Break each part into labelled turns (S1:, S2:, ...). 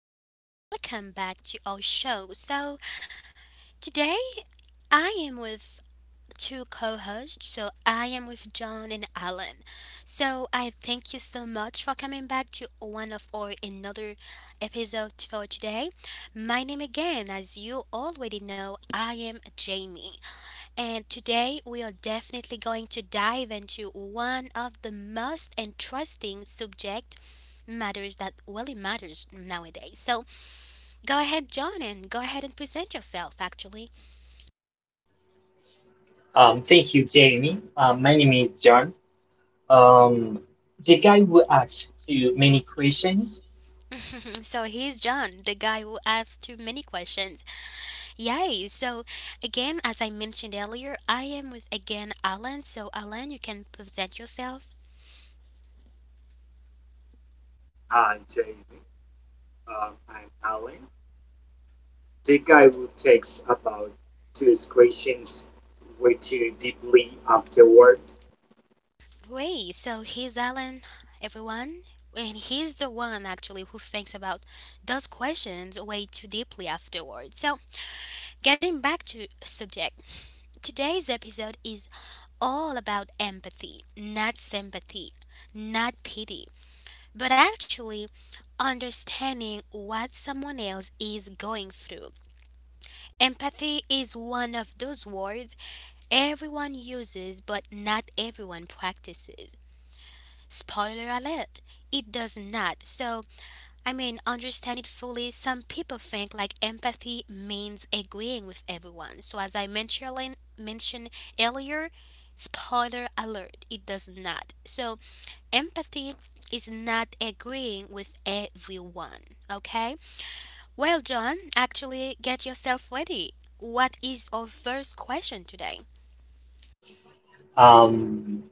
S1: Welcome back to our show. So, today I am with two co hosts. So I am with John and Alan. So I thank you so much for coming back to one of our another episode for today. My name again, as you already know, I am Jamie. And today we are definitely going to dive into one of the most interesting subject matters that really matters nowadays. So go ahead, John, and go ahead and present yourself actually.
S2: Thank you, Jamie. My name is John. Um, the guy who asked too many questions.
S1: So he's John, the guy who asks too many questions. Yay! So, again, as I mentioned earlier, I am with again Alan. So, Alan, you can present yourself.
S3: Hi, Jamie. I'm Alan. The guy who takes about two questions way too deeply afterward.
S1: Wait, so he's Alan, everyone? And he's the one actually who thinks about those questions way too deeply afterward. So, getting back to subject, today's episode is all about empathy, not sympathy, not pity but actually understanding what someone else is going through. Empathy is one of those words everyone uses, but not everyone practices. Spoiler alert, it does not. So, I mean, understand it fully. Some people think like empathy means agreeing with everyone. So, as I mentioned earlier, spoiler alert, it does not. So, empathy is not agreeing with everyone. Okay? Well, John, actually, get yourself ready. What is our first question today?
S2: Um,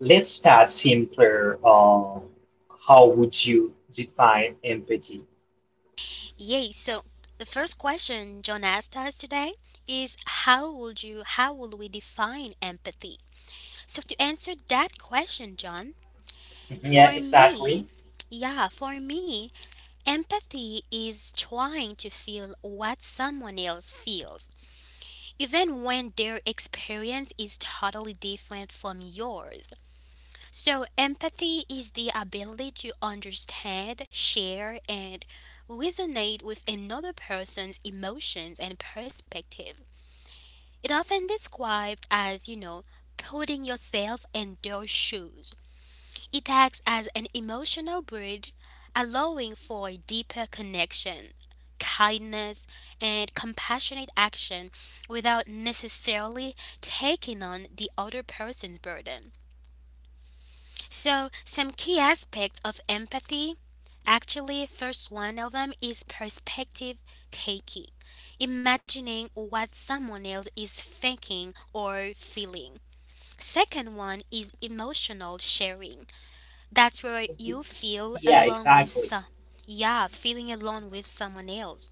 S2: let's start simpler. How would you define empathy?
S1: Yay, so the first question John asked us today is how would we define empathy? So to answer that question, John,
S2: Mhm. Yeah,
S1: for
S2: exactly.
S1: me, yeah, for me, empathy is trying to feel what someone else feels, even when their experience is totally different from yours. So, empathy is the ability to understand, share, and resonate with another person's emotions and perspective. It often described as, you know, putting yourself in their shoes it acts as an emotional bridge, allowing for a deeper connection, kindness, and compassionate action without necessarily taking on the other person's burden. So, some key aspects of empathy actually, first one of them is perspective taking, imagining what someone else is thinking or feeling. Second one is emotional sharing, that's where you feel
S2: Yeah,
S1: alone with
S2: exactly.
S1: some. Yeah, feeling alone with someone else.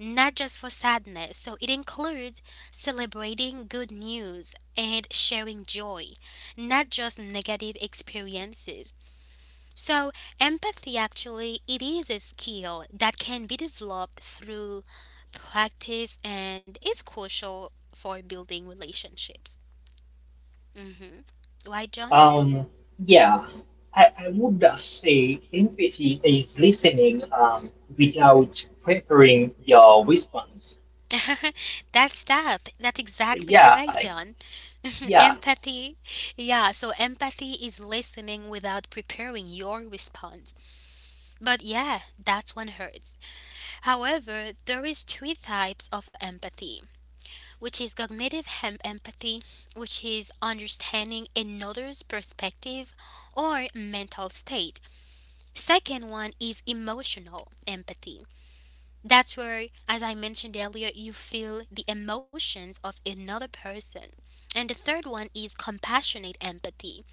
S1: Not just for sadness. So it includes celebrating good news and sharing joy, not just negative experiences. So empathy actually it is a skill that can be developed through practice and is crucial for building relationships. Mhm. Why, John?
S2: Um, yeah, I would say empathy is listening without preparing your response.
S1: That's that. That's exactly
S2: Yeah,
S1: correct,
S2: like,
S1: John.
S2: yeah,
S1: Empathy, yeah, so empathy is listening without preparing your response, but yeah that's one hurts. However, there is three types of empathy, which is empathy, which is understanding another's perspective or mental state. Second one is emotional empathy, that's where, as I mentioned earlier, you feel the emotions of another person. And the third one is compassionate empathy.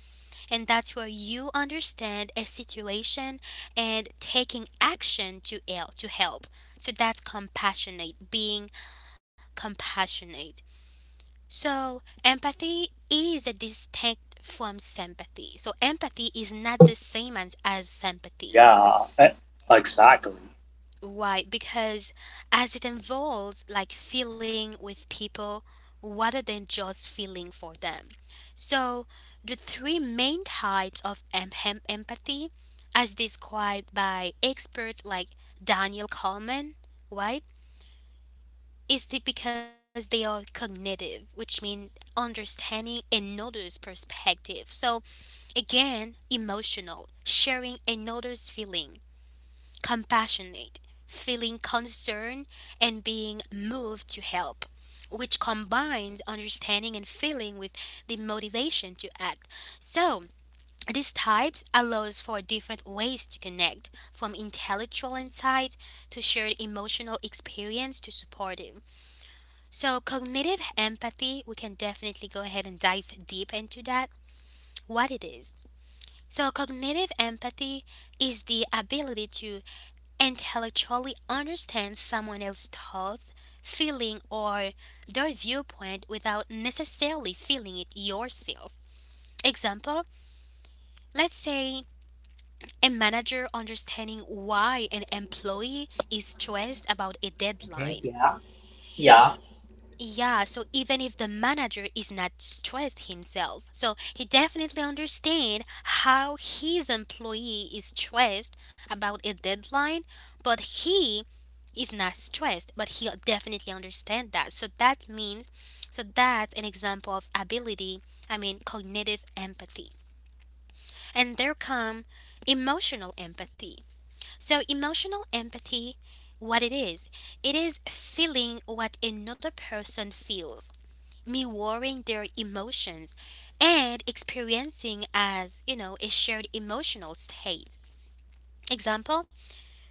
S1: And that's where you understand a situation and taking action to help. So that's compassionate, being compassionate. So empathy is a distinct from sympathy. So empathy is not the same as sympathy.
S3: Yeah, e- exactly.
S1: Why? Because as it involves like feeling with people rather than just feeling for them. So, the three main types of empathy, as described by experts like Daniel Kahneman, right, is the, because they are cognitive, which means understanding another's perspective. So, again, emotional, sharing another's feeling, compassionate, feeling concern, and being moved to help, which combines understanding and feeling with the motivation to act. So, these types allows for different ways to connect, from intellectual insight to shared emotional experience to supportive. So, cognitive empathy, we can definitely go ahead and dive deep into that, what it is. So, cognitive empathy is the ability to intellectually understand someone else's thought, feeling, or their viewpoint without necessarily feeling it yourself. Example, let's say a manager understanding why an employee is stressed about a
S2: mhm,
S1: deadline.
S2: yeah, yeah,
S1: Yeah, so even if the manager is not stressed himself, so he definitely understand how his employee is stressed about a deadline, but he is not stressed, but he'll definitely understand that. So that means, so that's an example of ability, I mean, cognitive empathy. And there come emotional empathy. So emotional empathy, what it is feeling what another person feels, mirroring their emotions and experiencing as, you know, a shared emotional state. Example,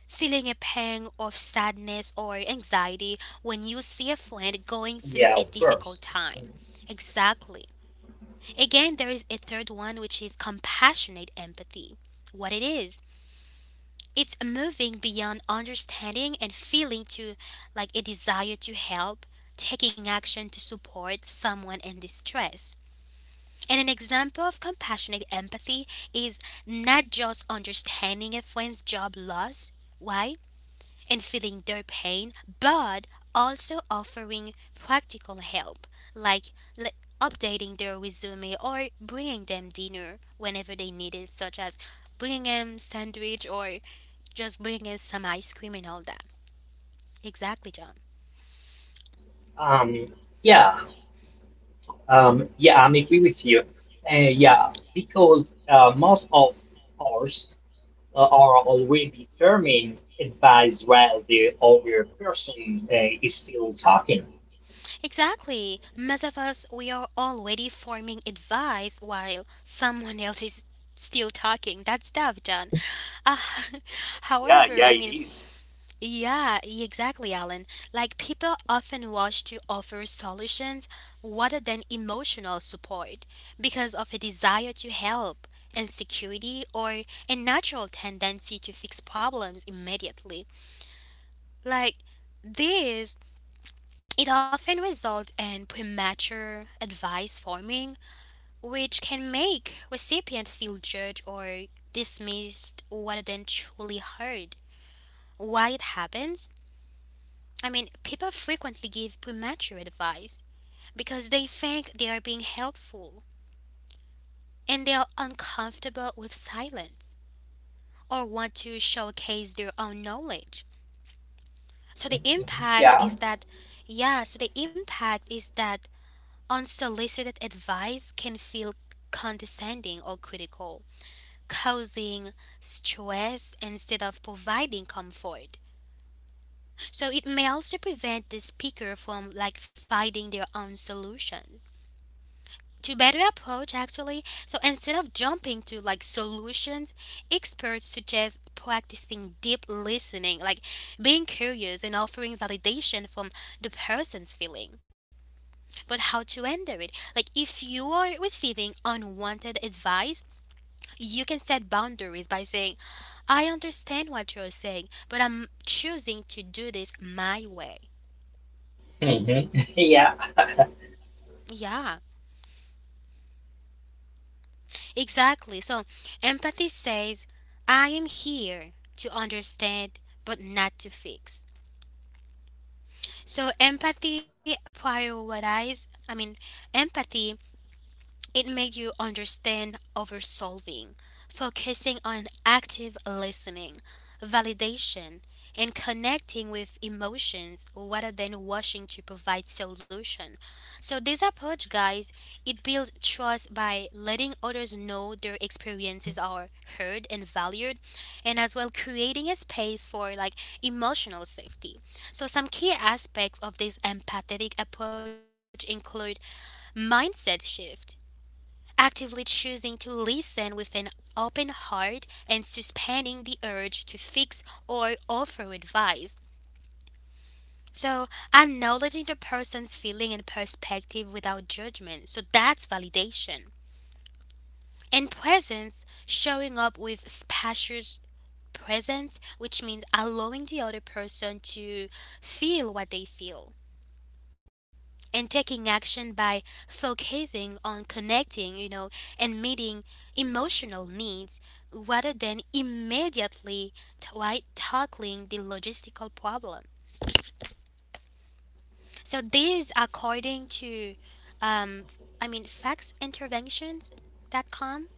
S1: feeling a pang of sadness or anxiety when you see a friend going through
S2: yeah,
S1: a
S2: of course.
S1: difficult time.
S2: Mm-hmm.
S1: Exactly. Again, there is a third one which is compassionate empathy. What it is, it's moving beyond understanding and feeling to like a desire to help, taking action to support someone in distress. And an example of compassionate empathy is not just understanding a friend's job loss, why? And feeling their pain, but also offering practical help, like le- updating their resume or bringing them dinner whenever they need it, such as bringing them sandwich or just bringing them some ice cream and all that. Exactly, John.
S2: Um, yeah, yeah, I agree with you. Uh, yeah,
S1: Mm-hmm.
S2: because most of ours are already determined advice while the other person is still talking.
S1: Exactly. Most of us, we are already forming advice while someone else is still talking. That's tough, John. Uh,
S3: Yeah,
S1: However,
S3: yeah,
S1: I
S3: it
S1: mean,
S3: is.
S1: yeah, exactly, Alan. Like people often rush to offer solutions rather than emotional support because of a desire to help, insecurity, or a natural tendency to fix problems immediately. Like this, it often results in premature advice forming, which can make recipient feel judged or dismissed rather than truly heard. Why it happens? I mean, people frequently give premature advice because they think they are being helpful and they are uncomfortable with silence or want to showcase their own knowledge. So the
S2: Mhm.
S1: impact
S2: Yeah.
S1: is that, yeah, so the impact is that unsolicited advice can feel condescending or critical, causing stress instead of providing comfort. So it may also prevent the speaker from like finding their own solution to better approach actually. So instead of jumping to like solutions, experts suggest practicing deep listening, like being curious and offering validation from the person's feeling. But how to enter it, like if you are receiving unwanted advice, you can set boundaries by saying, I understand what you're saying but I'm choosing to do this my way.
S2: Hmm. Yeah.
S1: Yeah. Exactly. So empathy says, I am here to understand but not to fix. So empathy prioritizes, I mean, empathy it made you understand over solving, focusing on active listening, validation, and connecting with emotions rather than rushing to provide solution. So this approach, guys, it builds trust by letting others know their experiences are heard and valued, and as well creating a space for like emotional safety. So some key aspects of this empathetic approach include mindset shift, actively choosing to listen with an open heart and suspending the urge to fix or offer advice. So, acknowledging the person's feeling and perspective without judgment. So, that's validation. And presence, showing up with spacious presence, which means allowing the other person to feel what they feel, and taking action by focusing on connecting, you know, and meeting emotional needs rather than immediately right, tackling the logistical problem. So these, according to um, I mean factsinterventions.com,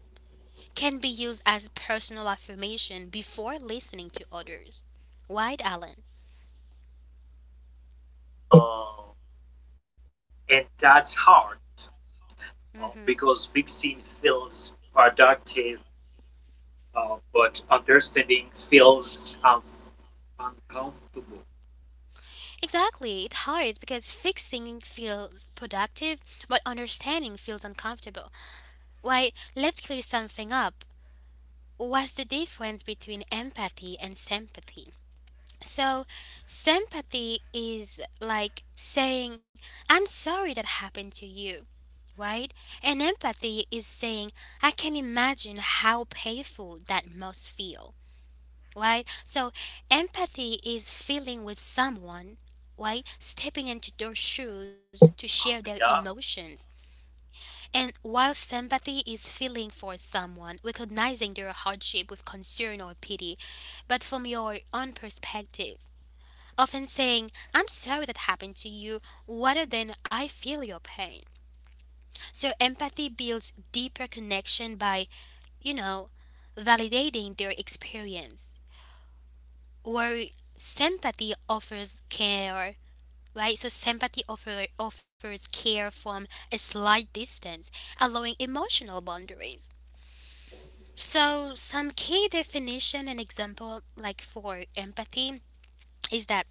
S1: can be used as personal affirmation before listening to others. Right, Alan?
S3: Uh, and that's hard
S1: Hmm.
S3: because fixing feels productive, but understanding feels uncomfortable.
S1: Exactly, it's hard because fixing feels productive, but understanding feels uncomfortable. Why, let's clear something up. What's the difference between empathy and sympathy? So, sympathy is like saying, I'm sorry that happened to you, right? And empathy is saying, I can imagine how painful that must feel, right? So empathy is feeling with someone, right? Stepping into their shoes to share their
S3: Yeah,
S1: emotions. And while sympathy is feeling for someone, recognizing their hardship with concern or pity, but from your own perspective. Often saying, I'm sorry that happened to you, rather than I feel your pain. So, empathy builds deeper connection by, you know, validating their experience, or sympathy offers care, right? So offers care from a slight distance, allowing emotional boundaries. So some key definition and example like for empathy is that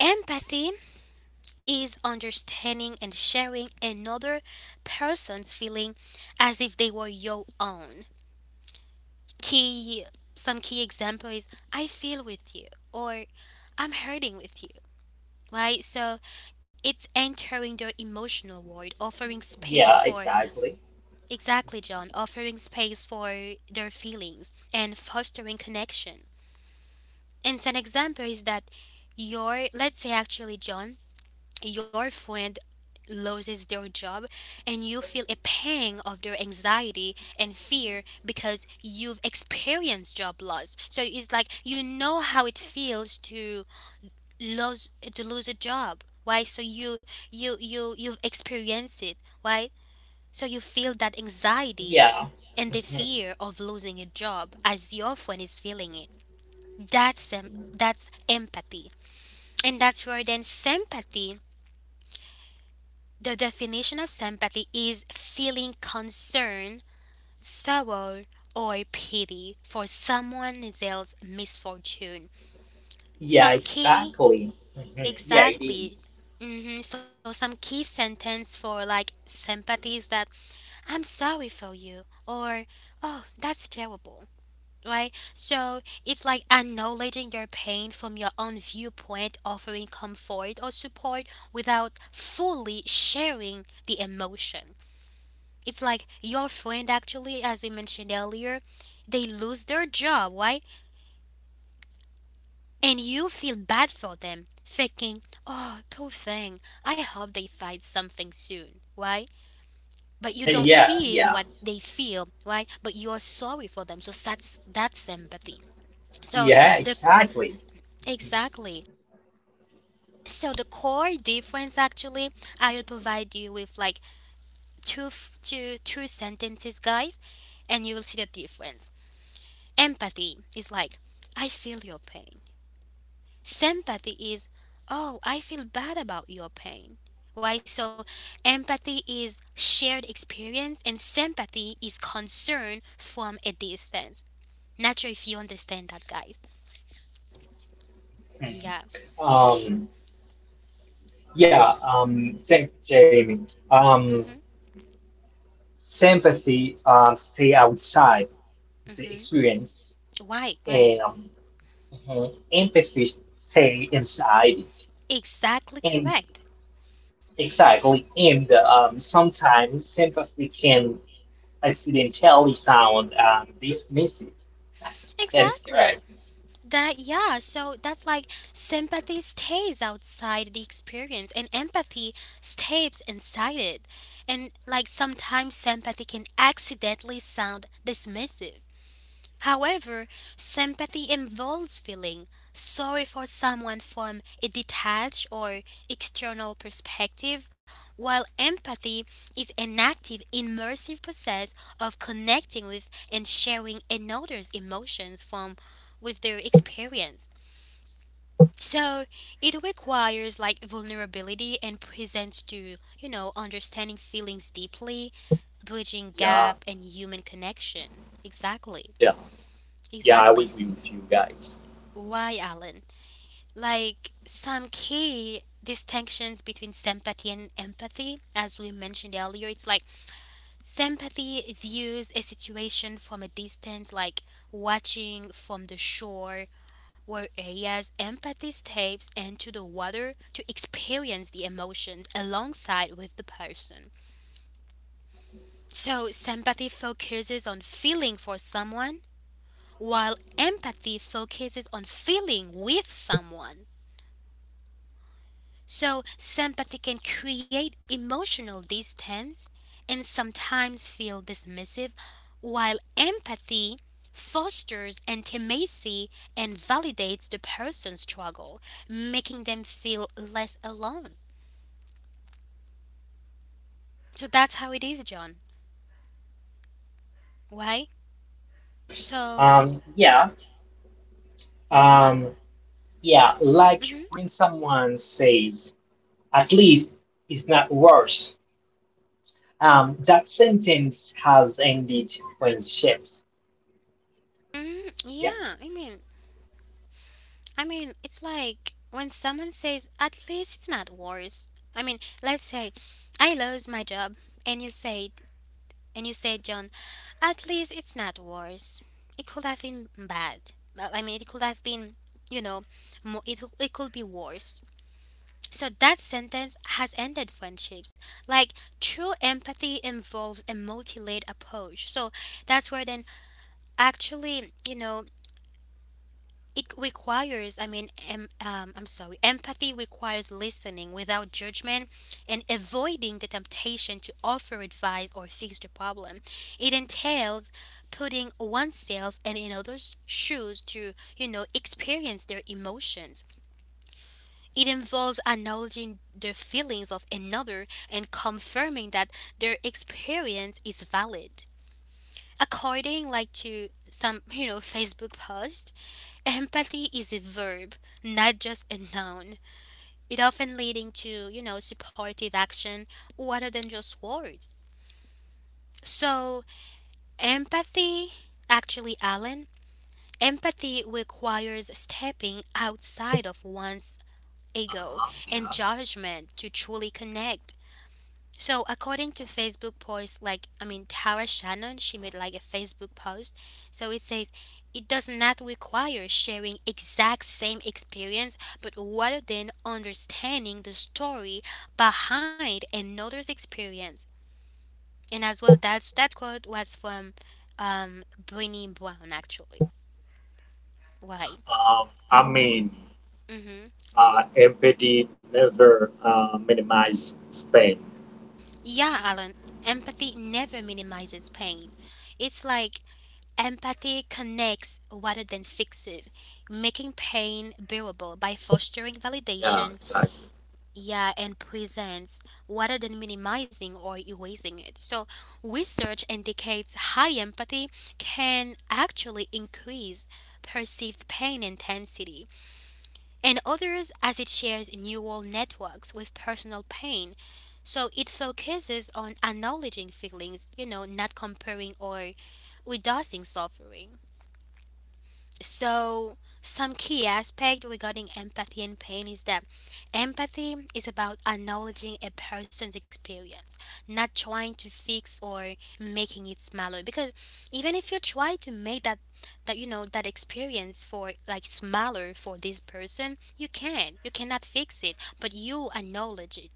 S1: empathy is understanding and sharing another person's feeling as if they were your own. Key, some key example is, I feel with you, or I'm hurting with you, right? So it's entering their emotional world, offering space
S2: Yeah,
S1: for,
S2: exactly.
S1: exactly, John, offering space for their feelings and fostering connection. And an example is that your, let's say actually, John, your friend loses their job and you feel a pang of their anxiety and fear because you've experienced job loss. So it's like you know how it feels to lose a job. Why? So you, you have experienced it. Why? So you feel that anxiety
S2: Yeah.
S1: and the fear of losing a job as your friend is feeling it. That's
S2: Mhm.
S1: that's empathy. And that's where then sympathy, the definition of sympathy is feeling concern, sorrow, or pity for someone else's misfortune.
S2: Yeah,
S1: Some key,
S2: exactly. Mhm. Yeah, it
S1: exactly.
S2: is.
S1: Hmm. So some key sentence for like sympathy is that, I'm sorry for you, or oh that's terrible. Right? So it's like acknowledging your pain from your own viewpoint, offering comfort or support without fully sharing the emotion. It's like your friend actually, as we mentioned earlier, they lose their job. Why? And you feel bad for them, thinking, oh, poor thing, I hope they find something soon. Why? But you
S2: Hey.
S1: don't
S2: Yeah,
S1: feel
S2: yeah,
S1: what they feel, right? But you are sorry for them. So that's empathy. So
S2: yeah,
S1: the
S2: exactly.
S1: exactly. So the core difference actually, I will provide you with like two f- two two sentences, guys, and you will see the difference. Empathy is like, I feel your pain. Sympathy is, oh, I feel bad about your pain. Why? So, empathy is shared experience, and sympathy is concern from a distance. Not sure if you understand that, guys.
S2: Mhm.
S1: Yeah.
S2: Um, yeah, Thank you, Jamie.
S1: Mhm.
S2: Sympathy, stay outside the
S1: Mhm.
S2: experience,
S1: Why? Why?
S2: and mhm, empathy, stay inside it.
S1: Exactly
S2: And
S1: correct.
S2: exactly, and sometimes sympathy can accidentally sound dismissive. That's
S1: Exactly.
S2: correct.
S1: That, yeah, so that's like sympathy stays outside the experience and empathy stays inside it. And like sometimes sympathy can accidentally sound dismissive. However, sympathy involves feeling sorry for someone from a detached or external perspective, while empathy is an active, immersive process of connecting with and sharing another's emotions from with their experience. So it requires like vulnerability and presents to, understanding feelings deeply, bridging
S3: Yeah,
S1: gap and human connection. Exactly.
S3: yeah, yeah. I
S1: Exactly.
S3: agree with you guys.
S1: Why, Alan? Like some key distinctions between sympathy and empathy, as we mentioned earlier, it's like sympathy views a situation from a distance, like watching from the shore, whereas empathy steps into the water to experience the emotions alongside with the person. So sympathy focuses on feeling for someone, while empathy focuses on feeling with someone. So sympathy can create emotional distance and sometimes feel dismissive, while empathy fosters intimacy and validates the person's struggle, making them feel less alone. So that's how it is, John. Why? So,
S2: um, Yeah.
S1: yeah.
S2: um, yeah, like when
S1: Hmm.
S2: someone says, "At least it's not worse." That sentence has ended friendships.
S1: Mm,
S2: Yeah.
S1: yeah, I mean, it's like when someone says, "At least it's not worse." I mean, let's say I lose my job, and you say, John, at least it's not worse. It could have been bad. Well, I mean, it could have been, you know, it could be worse. So that sentence has ended friendships. Like, true empathy involves a multi layered approach. So that's where then actually, you know, it requires I mean em, I'm sorry empathy requires listening without judgment and avoiding the temptation to offer advice or fix the problem. It entails putting oneself and in others shoes to, you know, experience their emotions. It involves acknowledging the feelings of another and confirming that their experience is valid according like to some, you know, Facebook post. Empathy is a verb, not just a noun. It often leading to, you know, supportive action rather than just words. So, empathy, actually, Alan, empathy requires stepping outside of one's ego and
S3: yeah.
S1: judgment to truly connect. So according to Facebook post, like I mean Tara Shannon, she made like a Facebook post. So it says it does not require sharing exact same experience, but rather than understanding the story behind another's experience. And as well, that's that quote was from Brené Brown actually. Right.
S3: Um, I mean,
S1: Mm-hmm.
S3: MPD never minimize Spain.
S1: Yeah, Alan. Empathy never minimizes pain. It's like empathy connects rather than fixes, making pain bearable by fostering
S3: Yeah,
S1: validation,
S3: exactly.
S1: yeah, and presence rather than minimizing or erasing it. So research indicates high empathy can actually increase perceived pain intensity and others as it shares neural networks with personal pain. So it focuses on acknowledging feelings, you know, not comparing or reducing suffering. So some key aspect regarding empathy and pain is that empathy is about acknowledging a person's experience, not trying to fix or making it smaller. Because even if you try to make that you know that experience for like smaller for this person, you can. You cannot fix it, but you acknowledge it.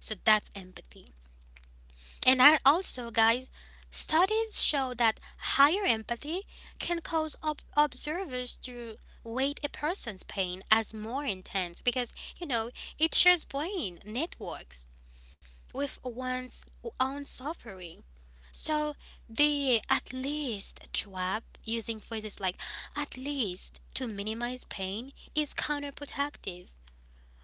S1: So that's empathy. And I also, guys, studies show that higher empathy can cause observers to weight a person's pain as more intense because, you know, it shares brain networks with one's own suffering. So the at least trap, using phrases like at least to minimize pain, is counterproductive,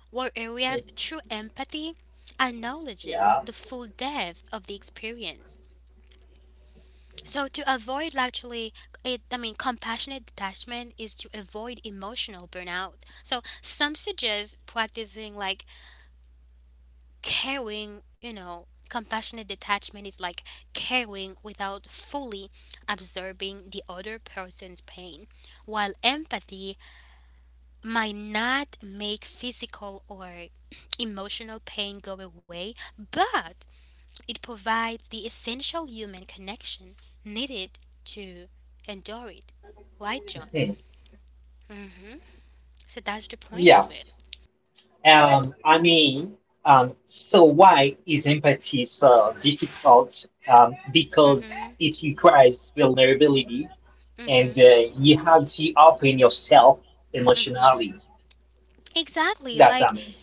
S1: whereas true empathy acknowledges the
S2: Yeah.
S1: full depth of the experience. So to avoid actually it I mean compassionate detachment is to avoid emotional burnout. So some suggest practicing like caring, you know, compassionate detachment is like caring without fully absorbing the other person's pain, while empathy might not make physical or emotional pain go away, but it provides the essential human connection needed to endure it. Right, John? Hmm.
S2: Yeah.
S1: So that's the point of it.
S2: Um, I mean, so why is empathy so difficult? Because it
S1: Hmm.
S2: requires vulnerability and
S1: Hmm.
S2: you have to open yourself emotionally.
S1: Hmm. Exactly.
S2: That's what
S1: Like,
S2: I mean.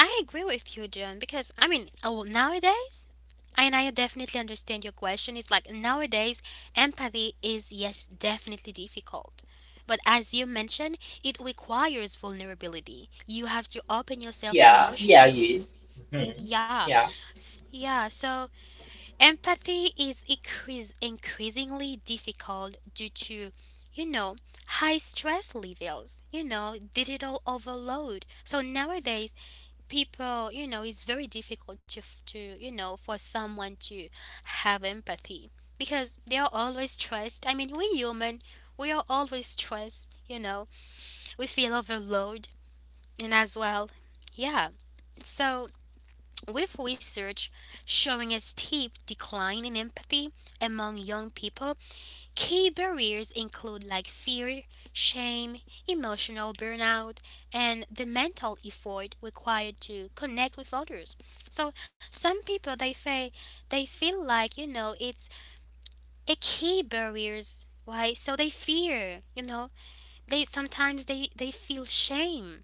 S1: I agree with you, John, because, I mean, oh, nowadays, and I definitely understand your question. It's like nowadays, empathy is, yes, definitely difficult. But as you mentioned, it requires vulnerability. You have to open yourself
S2: Yeah, yeah, it
S1: emotionally.
S2: is. Mhm.
S1: Yeah,
S2: Yeah.
S1: Yeah. So empathy is increasingly difficult due to, you know, high stress levels. You know, digital overload. So nowadays, people, you know, it's very difficult to to, you know, for someone to have empathy because they are always stressed. I mean, we human, we are always stressed. You know, we feel overload, and as well, yeah. So with research showing a steep decline in empathy among young people, key barriers include like fear, shame, emotional burnout, and the mental effort required to connect with others. So some people they say they feel like, you know, it's a key barriers why. So they fear, you know, they sometimes they feel shame.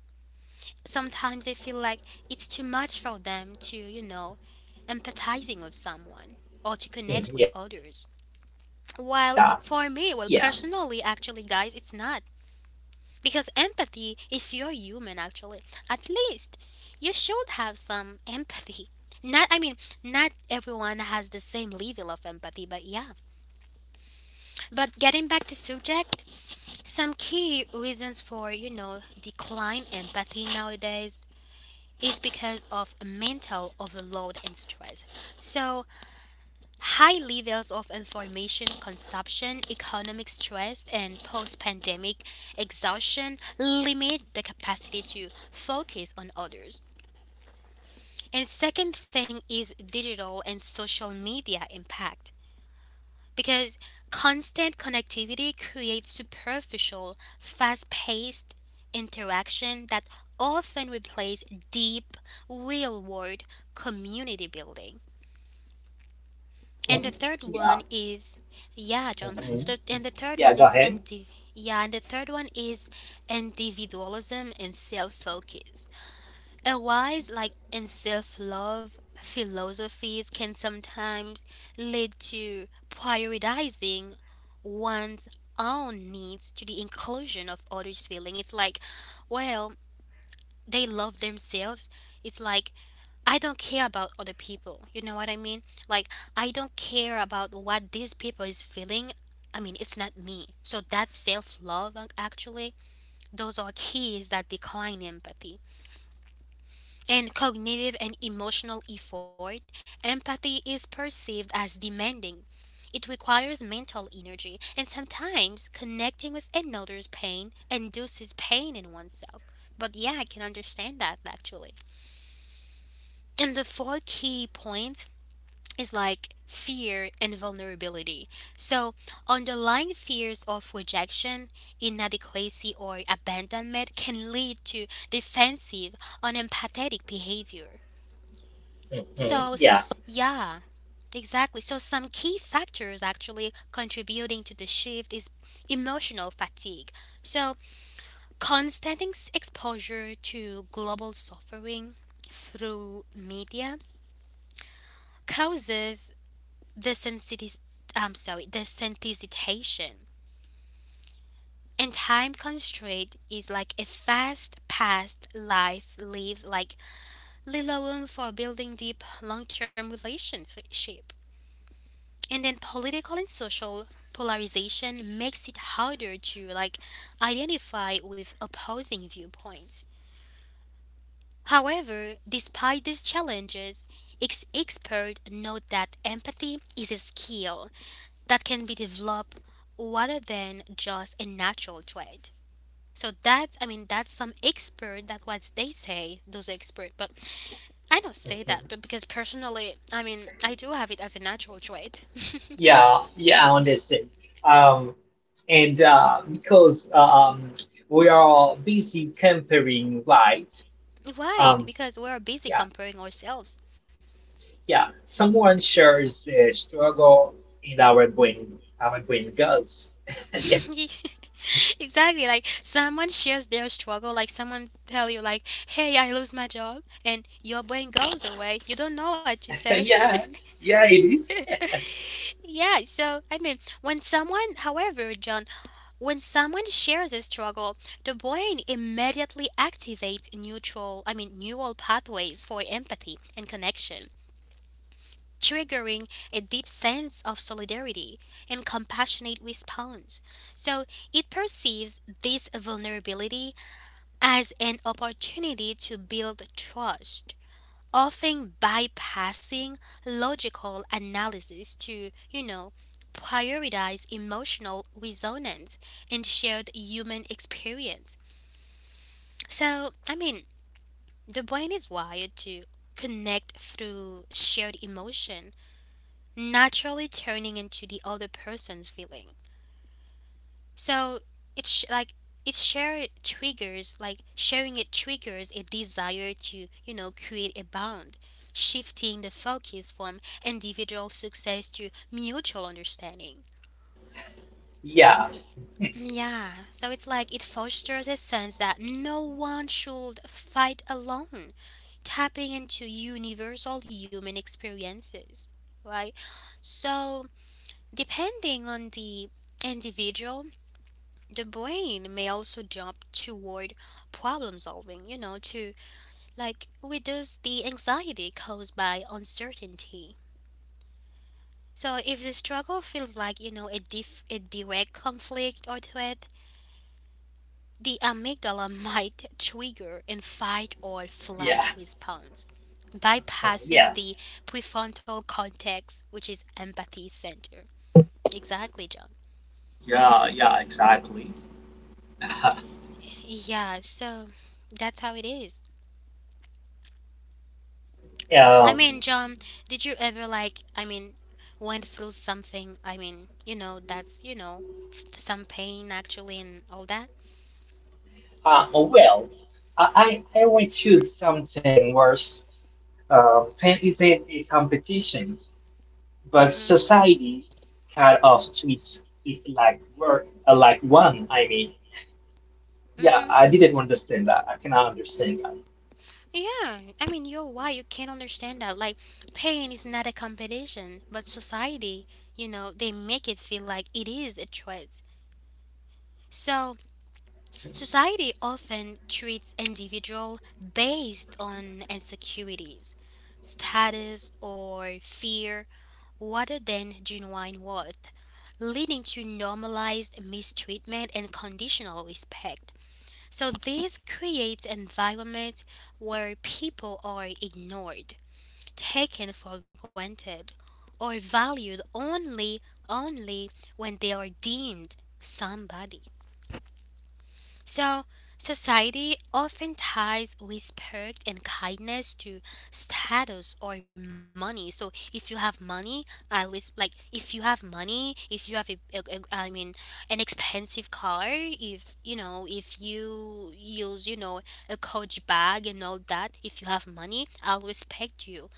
S1: Sometimes they feel like it's too much for them to, you know, empathizing with someone or to
S2: Mhm.
S1: connect with
S2: Yeah,
S1: others.
S2: yeah.
S1: While it, for me, well, personally, actually, guys, it's not. Because empathy, if you're human, actually, at least you should have some empathy. Not, I mean, not everyone has the same level of empathy, but yeah. But getting back to subject, some key reasons for, you know, decline empathy nowadays is because of mental overload and stress. So high levels of information consumption, economic stress, and post pandemic exhaustion limit the capacity to focus on others. And second thing is digital and social media impact, because constant connectivity creates superficial, fast paced interaction that often replace deep, real world community building. And the
S2: Mhm.
S1: third
S2: Yeah.
S1: one is, yeah, John.
S2: Mhm.
S1: So, the, and the third
S2: Yeah,
S1: one
S2: go
S1: is,
S2: ahead.
S1: yeah, and the third one is individualism and self focus. A wise like in self-love philosophies can sometimes lead to prioritizing one's own needs to the inclusion of others' feelings. It's like, well, they love themselves. It's like I don't care about other people. You know what I mean? Like I don't care about what these people is feeling. I mean, it's not me. So that self-love actually, those are keys that decline empathy and cognitive and emotional effort, empathy is perceived as demanding. It requires mental energy, and sometimes connecting with another's pain induces pain in oneself. But yeah, I can understand that actually. And the four key points is like fear and vulnerability. So underlying fears of rejection, inadequacy, or abandonment can lead to defensive, unempathetic behavior.
S2: Mhm.
S1: So, s-
S2: Yeah.
S1: yeah, exactly. So some key factors actually contributing to the shift is emotional fatigue. So constant exposure to global suffering through media causes the sensitis- I'm sorry, desensitization. And time constraint is like a fast paced life leaves like little room for building deep long term relationship. And then political and social polarization makes it harder to like identify with opposing viewpoints. However, despite these challenges, experts note that empathy is a skill that can be developed rather than just a natural trait. So that's I mean that's some expert that what they say those experts, but I don't say that,
S2: Mhm.
S1: but because personally I mean I do have it as a natural trait.
S2: Yeah, yeah. I understand. Um, and because We are busy comparing, right?
S1: Why?
S2: Um,
S1: Because we're busy comparing ourselves.
S2: Yeah, someone shares the struggle in our brain girls. Yeah,
S1: Exactly, like someone shares their struggle, like someone tell you like, "Hey, I lose my job," and your brain goes away. You don't know what to say.
S2: yeah, yeah, it is.
S1: Yeah, so I mean, when someone, however, John, when someone shares a struggle, the brain immediately activates neural pathways for empathy and connection, triggering a deep sense of solidarity and compassionate response. So it perceives this vulnerability as an opportunity to build trust, often bypassing logical analysis to, you know, prioritize emotional resonance and shared human experience. So, I mean, the brain is wired to connect through shared emotion naturally turning into the other person's feeling. So it's sh- like it's share triggers like sharing it triggers a desire to, you know, create a bond, shifting the focus from individual success to mutual understanding.
S2: Yeah,
S1: Y- Yeah, so it's like it fosters a sense that no one should fight alone, tapping into universal human experiences, right? So depending on the individual, the brain may also jump toward problem solving, you know, to like reduce the anxiety caused by uncertainty. So if the struggle feels like, you know, a direct conflict or threat, the amygdala might trigger a fight or
S2: yeah,
S1: flight response,
S2: yeah.
S1: bypassing the prefrontal cortex, which is empathy center. Exactly, John.
S3: Yeah, yeah, exactly.
S1: Yeah, so that's how it is. I
S2: Um,
S1: mean, John, did you ever like, I mean, went through something, I mean, that's, some pain actually and all that?
S2: well, I went to something worse. Pain isn't a competition, but
S1: Mm-hmm.
S2: society kind of treats it like work, like one. I mean, yeah,
S1: Mm-hmm.
S2: I didn't understand that. I cannot understand
S1: Yeah. I mean, you're why you can't understand that. Like, pain is not a competition, but society, you know, they make it feel like it is a threat. So, society often treats individual based on insecurities, status or fear rather than genuine worth, leading to normalized mistreatment and conditional respect. So this creates environment where people are ignored, taken for granted, or valued only when they are deemed somebody. So, society often ties respect and kindness to status or money. So, if you have money, I always like if you have money, if you have a I mean, an expensive car, if you know, if you use, you know, a coach bag and all that, if you have money, I'll respect you.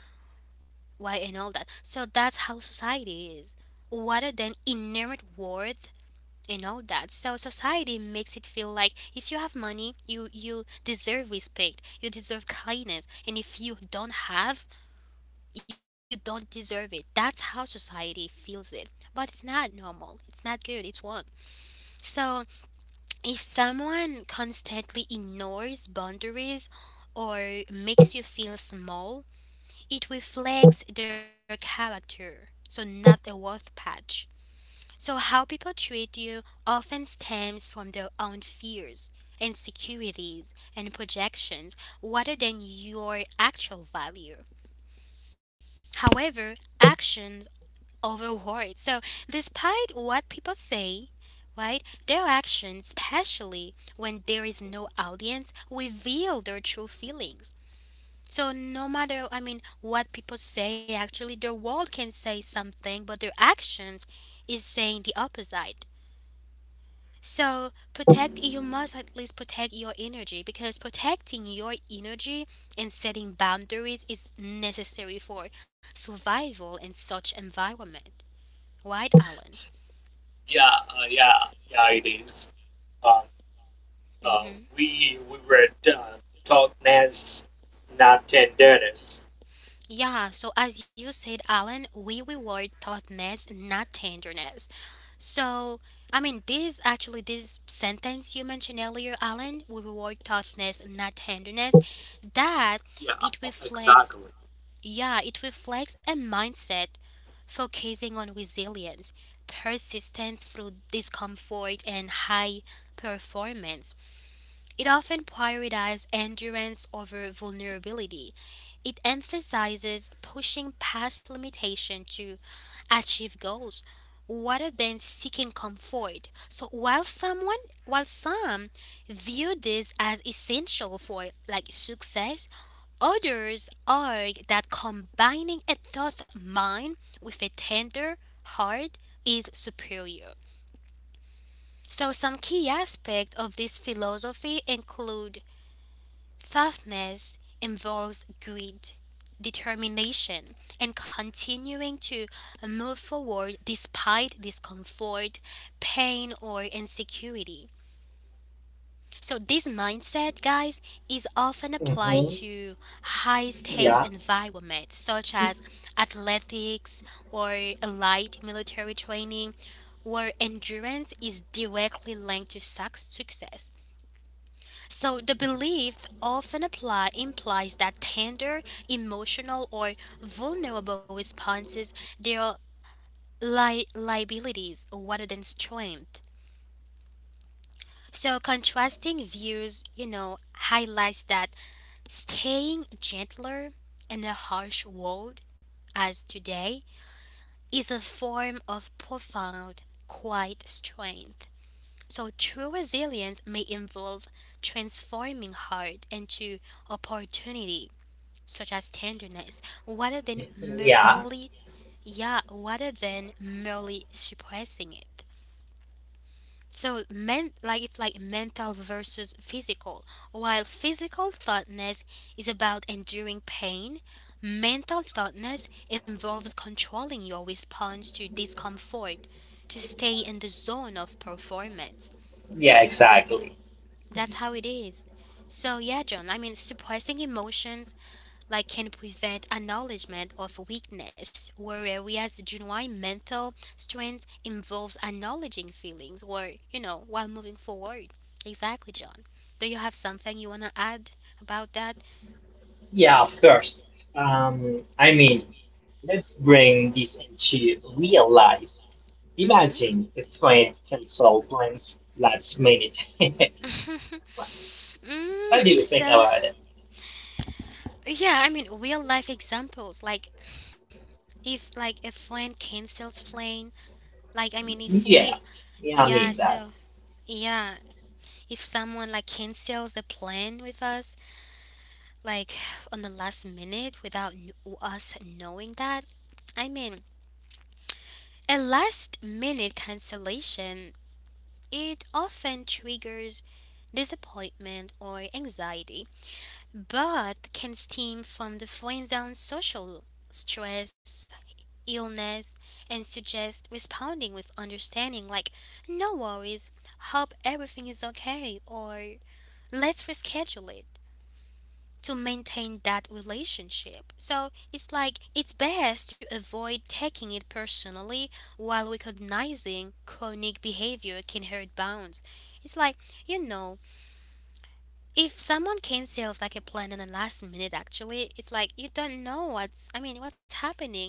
S1: Why and all that. So, that's how society is. Rather than inherent worth and all that. So society makes it feel like if you have money, you deserve respect, you deserve kindness, and if you don't have, you don't deserve it. That's how society feels it. But it's not normal. It's not good. It's wrong. So if someone constantly ignores boundaries or makes you feel small, it reflects their character. So not a worth patch. So, how people treat you often stems from their own fears, insecurities, and projections rather than your actual value. However, actions over words. So, despite what people say, right, their actions, especially when there is no audience, reveal their true feelings. So, no matter, I mean, what people say, actually, the world can say something, but their actions is saying the opposite. So protect you must at least protect your energy, because protecting your energy and setting boundaries is necessary for survival in such environment. Right, Alan?
S3: Yeah, it is. Um, uh,
S1: Mm-hmm.
S3: we were taught nance, not tenderness.
S1: Yeah, so as you said, Alan, we reward toughness, not tenderness. So, I mean, this actually, this sentence you mentioned earlier, Alan, we reward toughness, not tenderness, that
S3: Yeah,
S1: it reflects,
S3: exactly.
S1: yeah, it reflects a mindset focusing on resilience, persistence through discomfort, and high performance. It often prioritizes endurance over vulnerability. It emphasizes pushing past limitation to achieve goals rather than seeking comfort. So while some view this as essential for like success, others argue that combining a thought mind with a tender heart is superior. So some key aspects of this philosophy include: toughness involves greed, determination, and continuing to move forward despite discomfort, pain, or insecurity. So, this mindset, guys, is often
S2: that. Hmm.
S1: applied to high stakes
S2: Yeah,
S1: environments such as athletics or light military training, where endurance is directly linked to success. So the belief often apply implies that tender, emotional, or vulnerable responses they are liabilities rather than strength. So contrasting views, you know, highlights that staying gentler in a harsh world as today is a form of profound, quiet strength. So true resilience may involve transforming hard into opportunity such as tenderness, rather than
S2: yeah.
S1: merely yeah, rather than merely suppressing it. So men like it's like mental versus physical. While physical thoughtness is about enduring pain, mental thoughtness involves controlling your response to discomfort to stay in the zone of performance.
S2: Yeah, exactly.
S1: That's how it is. So yeah, John, I mean suppressing emotions like can prevent acknowledgement of weakness, whereas genuine mental strength involves acknowledging feelings or, you know, while moving forward. Exactly, John. Do you have something you want to add about that?
S2: Yeah, of course. Um, I mean, let's bring this into real life.
S1: Mm-hmm.
S2: Imagine if friend cancel plans last minute. What
S1: mm,
S2: do you think
S1: so,
S2: about it?
S1: yeah, I mean, real life examples, like if like a friend cancels plane, like I mean, if we,
S2: Yeah, yeah, I
S1: yeah,
S2: mean
S1: so
S2: that.
S1: yeah, if someone like cancels the plan with us, like on the last minute without us knowing that. I mean, a last minute cancellation, it often triggers disappointment or anxiety, but can stem from the falling down social stress, illness, and suggest responding with understanding like, no worries, hope everything is okay, or let's reschedule it to maintain that relationship. So it's like it's best to avoid taking it personally while recognizing chronic behavior can hurt bonds. It's like, you know, if someone cancels like a plan in the last minute actually, it's like you don't know what's I mean what's happening.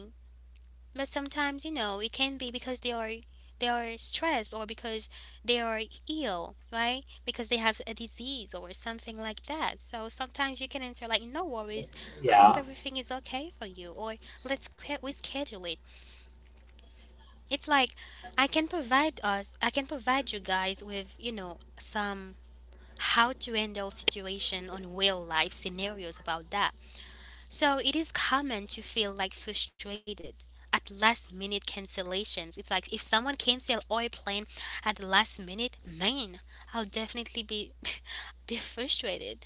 S1: But sometimes, you know, it can be because they are stressed, or because they are ill, right? Because they have a disease or something like that. So sometimes you can answer like, "No worries, hope
S2: Yeah.
S1: everything is okay for you," or "Let's we schedule it." It's like I can provide you guys with, you know, some how to handle situation on real life scenarios about that, so it is common to feel like frustrated at last minute cancellations. It's like if someone cancel our plan at the last minute, man, I'll definitely be be frustrated.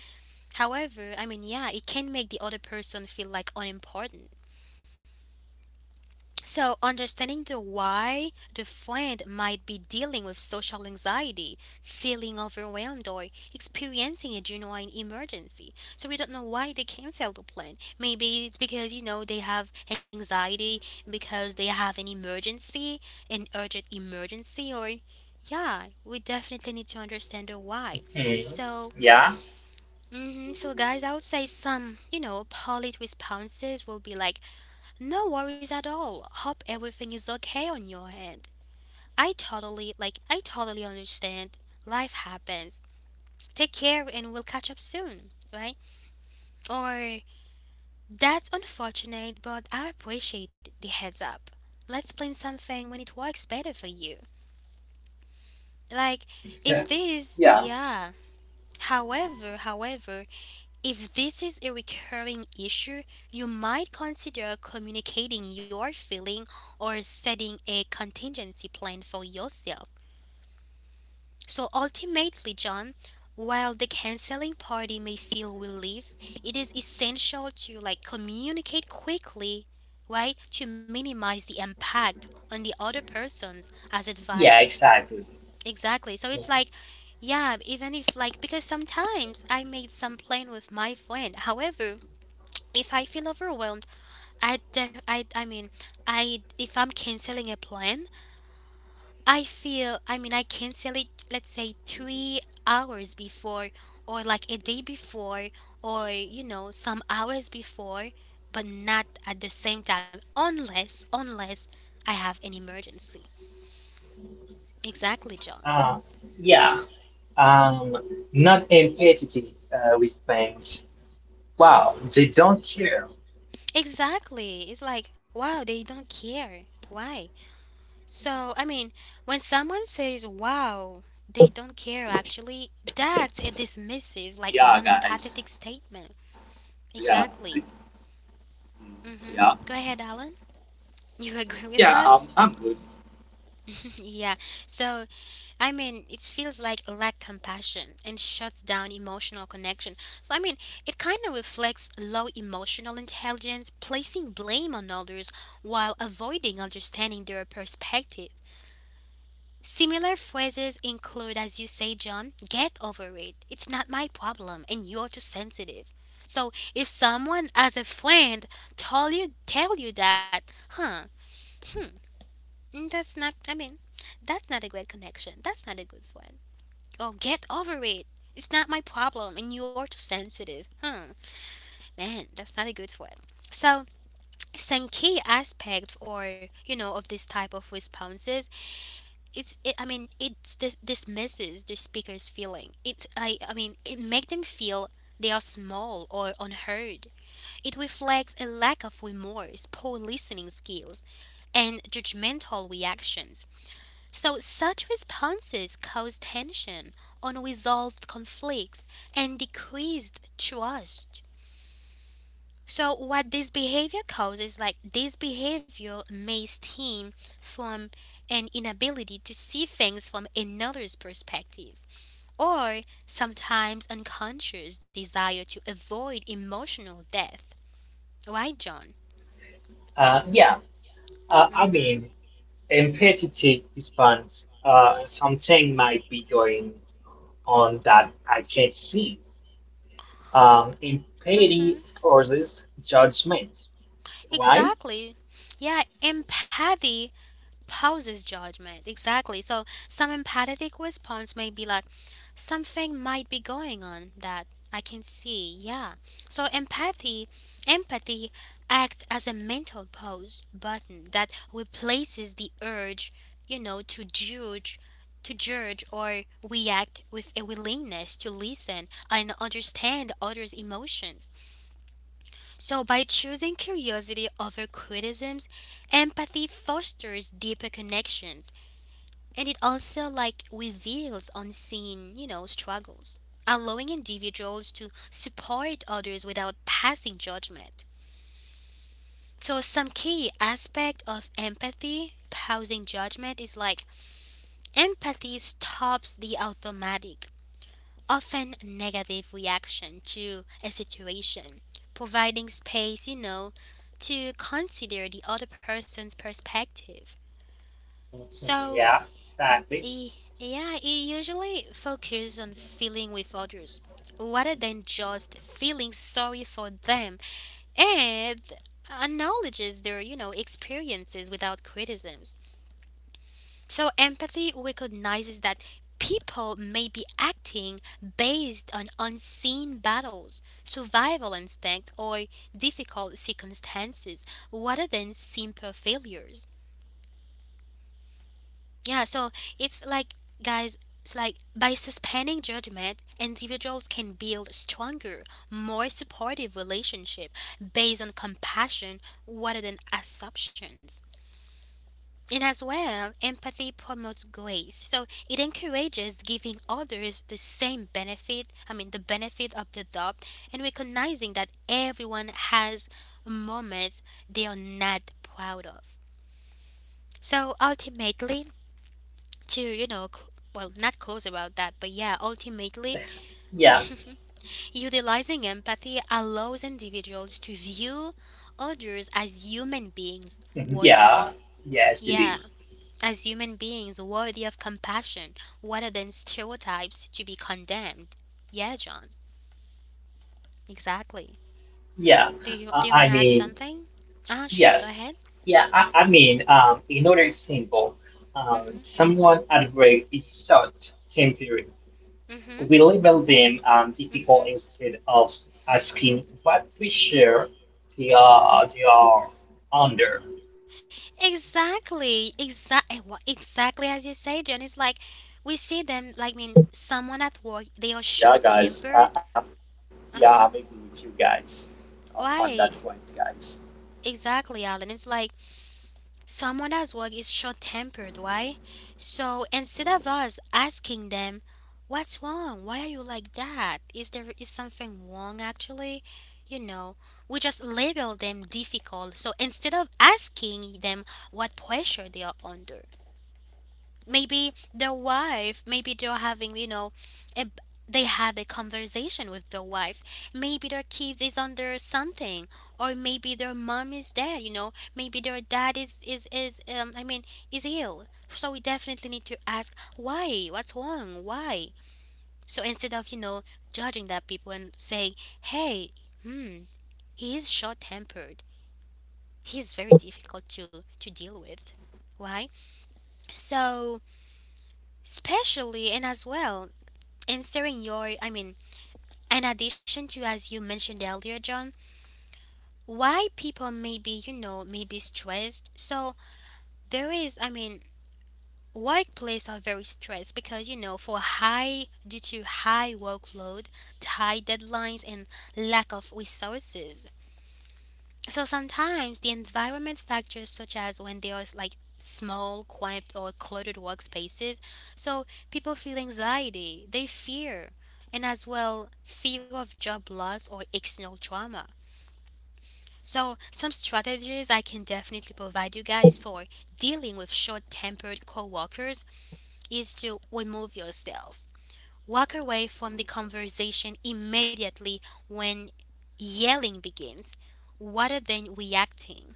S1: However, I mean, yeah, it can make the other person feel like unimportant. So, understanding the why: the friend might be dealing with social anxiety, feeling overwhelmed, or experiencing a genuine emergency. So, we don't know why they cancel the plan. Maybe it's because, you know, they have anxiety, because they have an emergency, an urgent emergency, or yeah, we definitely need to understand the why.
S2: Hmm.
S1: So,
S2: Yeah.
S1: so, guys, I would say some, you know, polite responses will be like, no worries at all. Hope everything is okay on your end. Like, I totally understand. Life happens. Take care and we'll catch up soon, right? Or, that's unfortunate, but I appreciate the heads up. Let's plan something when it works better for you. Like, if
S2: Yeah.
S1: this,
S2: Yeah.
S1: yeah. However, if this is a recurring issue, you might consider communicating your feeling or setting a contingency plan for yourself. So ultimately, John, while the canceling party may feel relief, it is essential to like communicate quickly, right? To minimize the impact on the other persons as advised.
S2: Yeah, exactly. Hmm.
S1: Exactly. So it's like yeah, even if like, because sometimes I made some plan with my friend. However, if I feel overwhelmed, I, def- I mean, I if I'm canceling a plan, I feel, I mean, I cancel it. Let's say 3 hours before, or like a day before, or you know, some hours before, but not at the same time, unless I have an emergency. Exactly, John.
S2: Uh, yeah. Um, not empathy with friends. Wow, they don't care.
S1: Exactly. It's like, wow, they don't care. Why? So, I mean, when someone says, wow, they don't care actually, that's a dismissive, like
S3: Yeah,
S1: non
S3: guys.
S1: empathetic statement.
S3: Yeah,
S1: Exactly.
S3: mm,
S1: hmm
S3: yeah,
S1: Go ahead, Alan. You agree with
S3: Yeah, I'm,
S1: us?
S3: I'm good.
S1: Yeah. So, I mean, it feels like lack compassion and shuts down emotional connection. So, I mean, it kind of reflects low emotional intelligence, placing blame on others while avoiding understanding their perspective. Similar phrases include, as you say, John, get over it, it's not my problem, and you're too sensitive. So if someone as a friend tell you that, huh, hmm, that's not I mean, that's not a great connection. That's not a good friend. Oh, get over it. It's not my problem and you're too sensitive. Hmm. Man, that's not a good friend. So some key aspect, or you know, of this type of responses: it dismisses the speaker's feeling. It i i mean it makes them feel they are small or unheard. It reflects a lack of remorse, poor listening skills, and judgmental reactions. So such responses cause tension, unresolved conflicts, and decreased trust. So what this behavior causes, like, this behavior may stem from an inability to see things from another's perspective, or sometimes unconscious desire to avoid emotional death. Right, John?
S2: Yeah. I
S1: Mm-hmm.
S2: mean, empathy expands. Something might be going on that I can't see. Empathy
S1: Mm-hmm.
S2: causes judgment, right?
S1: Exactly. Yeah, empathy pauses judgment. Exactly. So some empathetic response may be like, something might be going on that I can see. Yeah. So empathy acts as a mental pause button that replaces the urge, you know, to judge or react with a willingness to listen and understand others' emotions. So, by choosing curiosity over criticisms, empathy fosters deeper connections, and it also like reveals unseen, you know, struggles, allowing individuals to support others without passing judgment. So, some key aspect of empathy, pausing judgment, is like empathy stops the automatic, often negative reaction to a situation, providing space, you know, to consider the other person's perspective. So,
S2: Yeah, exactly.
S1: eh, yeah, it usually focuses on feeling with others rather than just feeling sorry for them, and acknowledges their, you know, experiences without criticisms. So, empathy recognizes that people may be acting based on unseen battles, survival instinct, or difficult circumstances rather than simple failures. Yeah, so it's like, guys, it's like by suspending judgment, individuals can build stronger, more supportive relationship based on compassion rather than assumptions. And as well, empathy promotes grace. So it encourages giving others the same benefit, the benefit of the doubt, and recognizing that everyone has moments they are not proud of. So ultimately, to, you know, cl- well, not close about that, but yeah, ultimately,
S2: Yeah,
S1: utilizing empathy allows individuals to view others as human beings
S2: yeah,
S1: worthy.
S2: yes, it
S1: Yeah.
S2: is.
S1: As human beings worthy of compassion rather than stereotypes to be condemned. Yeah, John, exactly.
S2: Yeah,
S1: Do you do you want
S2: I
S1: to add
S2: mean,
S1: something? Ah, sure. Go
S2: yes.
S1: ahead.
S2: Yeah, I mean, in order simple,
S1: Mhm.
S2: someone at work is short tempered, we
S1: Mhm.
S2: label them the
S1: Mhm.
S2: instead of asking what we share they are,
S1: Mhm.
S2: they are under.
S1: Exactly. Exactly. Exactly as you say, John. It's like we see them. Someone at work, they are
S3: Yeah, guys. I, I'm
S1: short-tempered.
S3: yeah, I'm agree
S1: Uh
S3: with you
S1: huh.
S3: guys on that point,
S1: Why?
S3: guys.
S1: Exactly, Alan. It's like someone at work is short tempered, why? So instead of us asking them, what's wrong? Why are you like that? Is there is something wrong actually? You know, we just label them difficult. So instead of asking them what pressure they are under, maybe the wife, maybe they're having, a, they had a conversation with the wife, maybe their kids is under something, or maybe their mom is dead, you know, maybe their dad is is ill. So we definitely need to ask why, what's wrong, why? So instead of, you know, judging that people and saying, hey, hmm, he is short tempered, he's very difficult to deal with. Why? So especially and as well answering your, in addition to as you mentioned earlier, John, why people may be, you know, maybe stressed. So there is, I mean, workplace are very stressed because, you know, for high due to high workload, high deadlines and lack of resources. So sometimes the environment factors, such as when there is like small, quiet, or cluttered workspaces, so people feel anxiety, they fear, and as well fear of job loss or external trauma. So some strategies I can definitely provide you guys for dealing with short-tempered coworkers is to remove yourself. Walk away from the conversation immediately when yelling begins rather than reacting.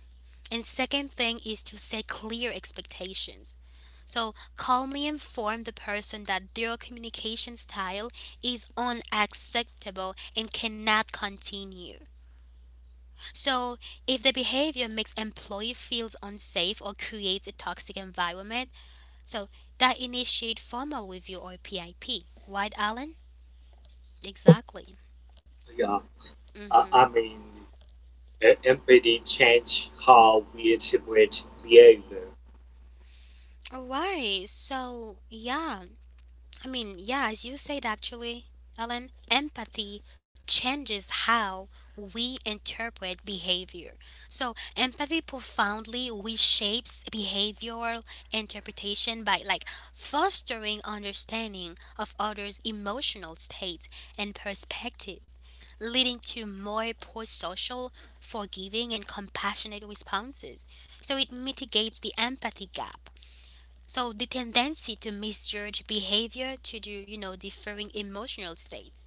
S1: And second thing is to set clear expectations. So calmly inform the person that their communication style is unacceptable and cannot continue. So if the behavior makes employee feels unsafe or creates a toxic environment, so that initiate formal review or PIP. Right, Alan? Exactly.
S3: yeah, Uh,
S1: Mm-hmm.
S3: I mean, Empathy change how we interpret behavior.
S1: All right. So yeah. As you said actually, Ellen, empathy changes how we interpret behavior. So, empathy profoundly reshapes behavioral interpretation by like fostering understanding of others' emotional state and perspective, leading to more pro-social, forgiving and compassionate responses. So, it mitigates the empathy gap, so the tendency to misjudge behavior to do, you know, differing emotional states.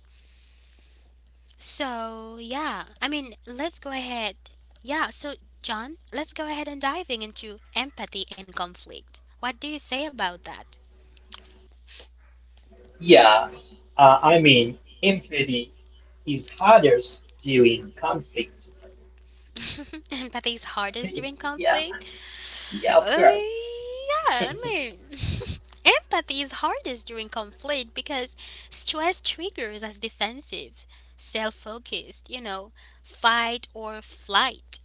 S1: So yeah, let's go ahead. Yeah, so John, let's go ahead and diving into empathy and conflict. What do you say about that?
S2: Yeah, I mean, empathy is hardest during conflict.
S1: Empathy is hardest during
S2: Yeah,
S1: conflict.
S2: yeah, of course.
S1: Yeah, empathy is hardest during conflict because stress triggers as defensive, self-focused, you know, fight or flight.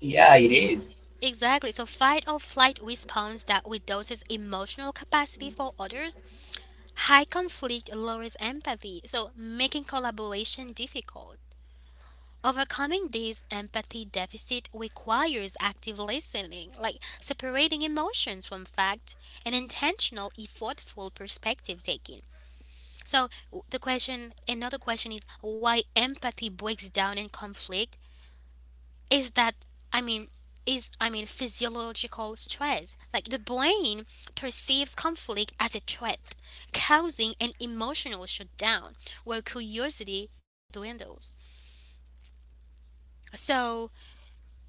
S2: Yeah, it is.
S1: Exactly. So fight or flight response that reduces emotional capacity for others. High conflict lowers empathy, so making collaboration difficult. Overcoming this empathy deficit requires active listening, like separating emotions from fact and intentional, effortful perspective taking. So another question is why empathy breaks down in conflict is that, I mean I mean, physiological stress. Like the brain perceives conflict as a threat, causing an emotional shutdown where curiosity dwindles. So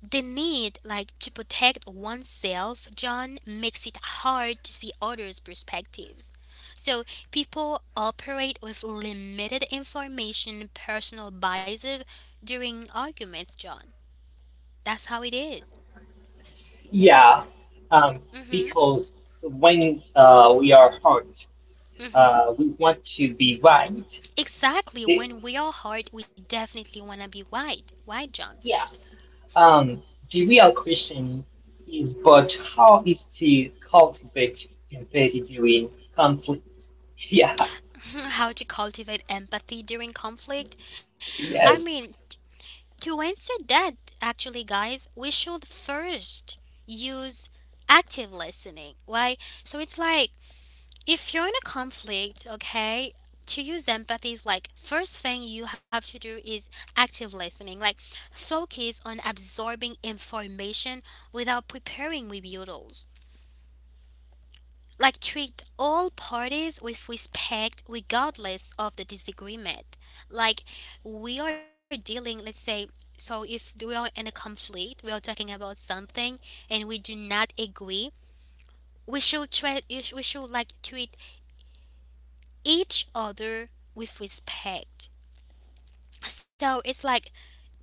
S1: the need like to protect oneself, John, makes it hard to see others' perspectives. So people operate with limited information, personal biases during arguments, John. That's how it is.
S2: Yeah, um,
S1: Mhm.
S2: because when we are hurt, we want to be right.
S1: Exactly.
S2: They-
S1: When we are hard, we definitely want to be white. Why, John?
S2: yeah. Um, the real question is but how is to cultivate empathy during conflict? Yeah,
S1: How to cultivate empathy during conflict? I mean,
S2: yes.
S1: to answer that, actually, guys, we should first use active listening. Why? So it's like if you're in a conflict, okay? To use empathy is like first thing you have to do is active listening. Like focus on absorbing information without preparing rebuttals. Like treat all parties with respect regardless of the disagreement. Like we are dealing, let's say, so if we are in a conflict, we are talking about something and we do not agree, we should treat, we should like treat each other with respect. So it's like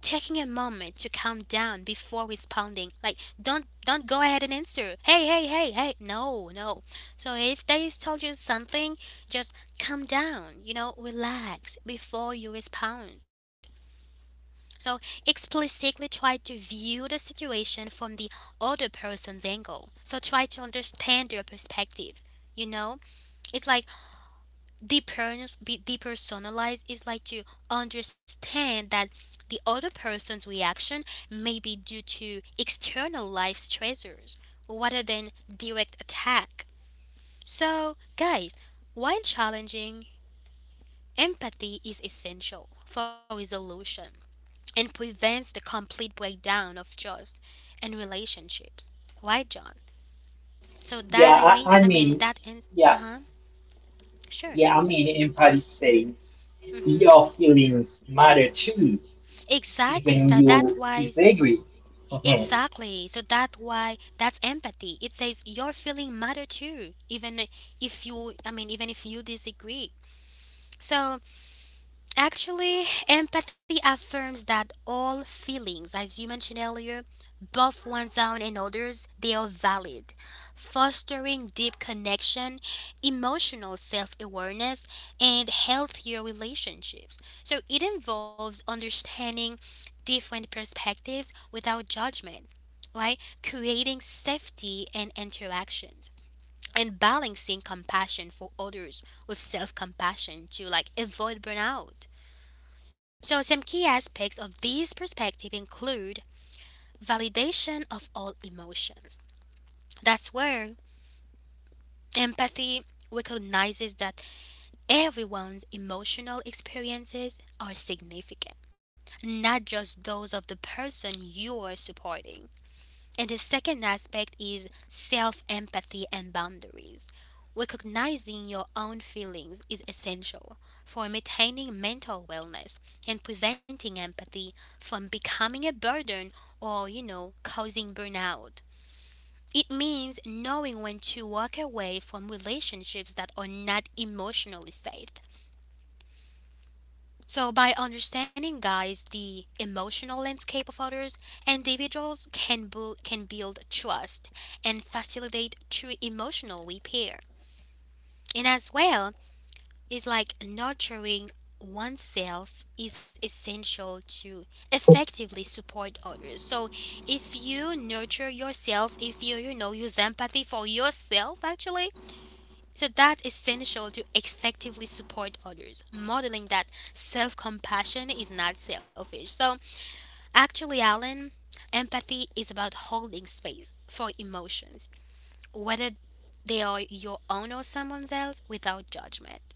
S1: taking a moment to calm down before responding. Like don't go ahead and answer. Hey, hey, hey, hey. No, no. So if they told you something, just calm down, you know, relax before you respond. So explicitly try to view the situation from the other person's angle. So try to understand their perspective. You know, it's like be depersonalized is like to understand that the other person's reaction may be due to external life stressors rather than direct attack. So, guys, while challenging, empathy is essential for resolution and prevents the complete breakdown of trust and relationships. Right, John? So that I
S2: Yeah,
S1: made,
S2: I, I mean,
S1: that ends. Uh
S2: yeah,
S1: huh. Sure.
S2: yeah, I mean, empathy says your feelings matter too,
S1: Exactly. So
S2: even
S1: that
S2: you
S1: why
S2: disagree. Mhm.
S1: Exactly. So that's why that's empathy. It says your feeling matter too, even if you, even if you disagree. So actually, empathy affirms that all feelings, as you mentioned earlier, both one's own and others, they are valid, fostering deep connection, emotional self awareness, and healthier relationships. So it involves understanding different perspectives without judgment, right? Creating safety and interactions and balancing compassion for others with self compassion to like avoid burnout. So, some key aspects of this perspective include validation of all emotions. That's where empathy recognizes that everyone's emotional experiences are significant, not just those of the person you are supporting. And the second aspect is self empathy and boundaries. Recognizing your own feelings is essential for maintaining mental wellness and preventing empathy from becoming a burden or, you know, causing burnout. It means knowing when to walk away from relationships that are not emotionally safe. So, by understanding, guys, the emotional landscape of others, individuals can, can build trust and facilitate true emotional repair. And as well, is like nurturing oneself is essential to effectively support others. So, if you nurture yourself, if you, you know, use empathy for yourself, actually, so that is essential to effectively support others, modeling that self-compassion is not selfish. So actually, Alan, empathy is about holding space for emotions, whether they are your own or someone else, without judgment.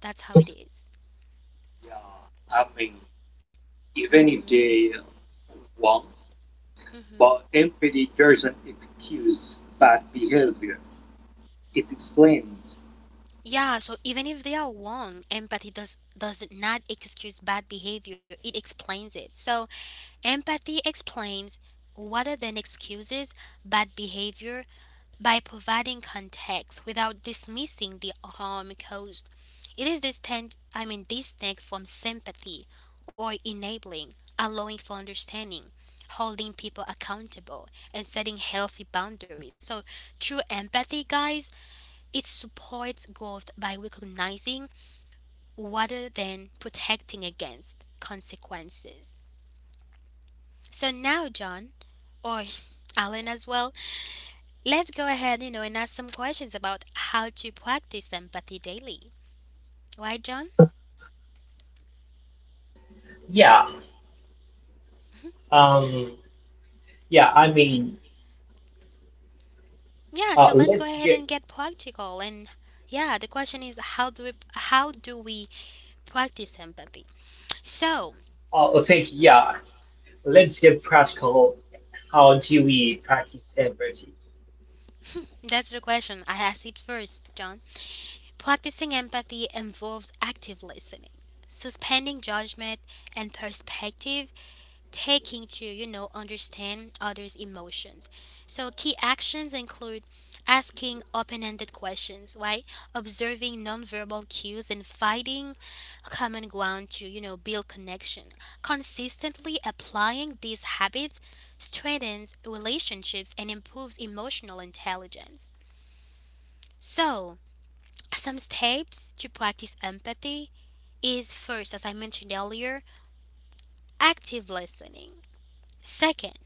S1: That's how it is.
S3: Yeah, I mean, Even if
S1: Mm-hmm.
S3: they want, but empathy doesn't excuse bad behavior. It explains.
S1: Yeah, so even if they are wrong, empathy does not excuse bad behavior. It explains it. So empathy explains rather than excuses bad behavior by providing context without dismissing the harm caused. It is distinct, distinct from sympathy or enabling, allowing for understanding, holding people accountable, and setting healthy boundaries. So, true empathy, guys, it supports growth by recognizing rather than protecting against consequences. So, now, John, or Alan as well, let's go ahead, you know, and ask some questions about how to practice empathy daily. Right, John?
S2: Yeah, um, yeah, I mean,
S1: Yeah, so let's go
S2: let's
S1: ahead
S2: get,
S1: and get practical and yeah, the question is how do we practice empathy? So,
S2: oh, thank yeah, let's get practical. How do we practice empathy?
S1: that's the question. I asked it first, John. Practicing empathy involves active listening, suspending judgment and perspective taking to, you know, understand others' emotions. So key actions include asking open-ended questions, right? Observing nonverbal cues and finding common ground to, you know, build connection. Consistently applying these habits strengthens relationships and improves emotional intelligence. So, some steps to practice empathy is first, as I mentioned earlier, active listening. Second,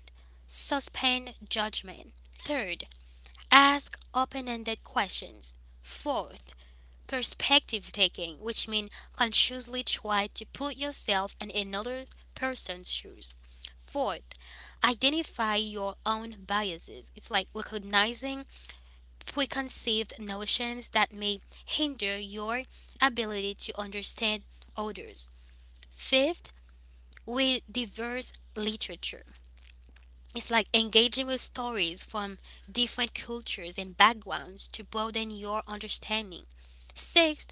S1: suspend judgment. Third, ask open ended questions. Fourth, perspective taking, which means consciously try to put yourself in another person's shoes. Fourth, identify your own biases. It's like recognizing preconceived notions that may hinder your ability to understand others. Fifth, read diverse literature. It's like engaging with stories from different cultures and backgrounds to broaden your understanding. Sixth,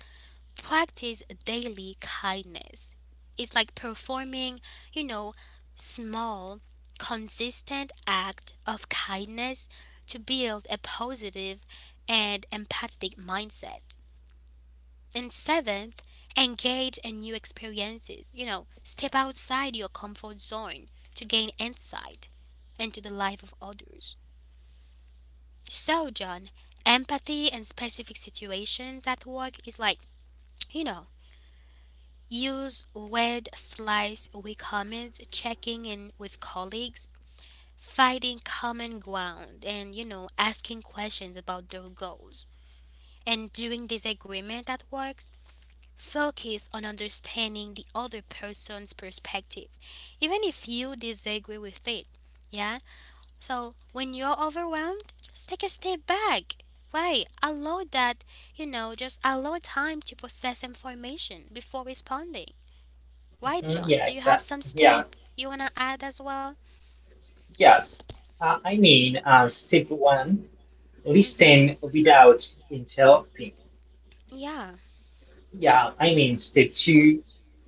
S1: practice daily kindness. It's like performing, you know, small, consistent act of kindness to build a positive and empathic mindset. And seventh, engage in new experiences. You know, step outside your comfort zone to gain insight into the life of others. So, John, empathy and specific situations at work is like, you know, use word slice with comments, checking in with colleagues, finding common ground, and, you know, asking questions about their goals. And during disagreement at work, focus on understanding the other person's perspective, even if you disagree with it. Yeah? So when you're overwhelmed, just take a step back. Why? Allow that, you know, just allow time to process information before responding. Why,
S2: Mhm.
S1: John?
S2: Yeah,
S1: Do you have some
S2: exactly. Yeah.
S1: step you want to add as well?
S2: Yes, step one,
S1: Mm-hmm.
S2: listen without interrupting.
S1: Yeah.
S2: Yeah, I mean, step two,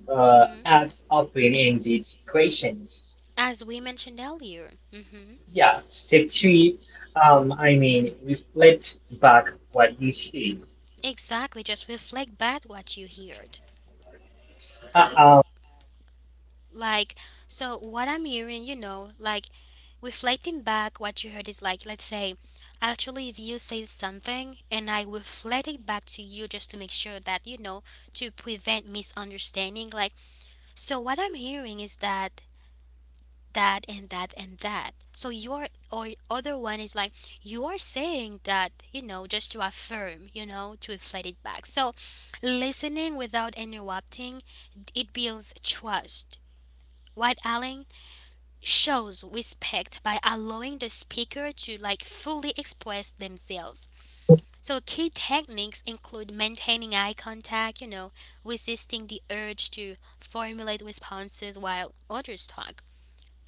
S1: Mm-hmm.
S2: ask open-ended questions.
S1: As we mentioned earlier. Mm-hmm.
S2: Yeah, step three, reflect back what you see.
S1: Exactly. Just reflect back what you heard.
S2: Uh, um,
S1: Like, so what I'm hearing, you know, like reflecting back what you heard is like, let's say, actually, if you say something and I reflect it back to you just to make sure that, you know, to prevent misunderstanding. Like, so what I'm hearing is that, that, and that, and that. So your or other one is like, you are saying that, you know, just to affirm, you know, to reflect it back. So listening without interrupting, it builds trust. What, Alan? Shows respect by allowing the speaker to like fully express themselves. So key techniques include maintaining eye contact, you know, resisting the urge to formulate responses while others talk,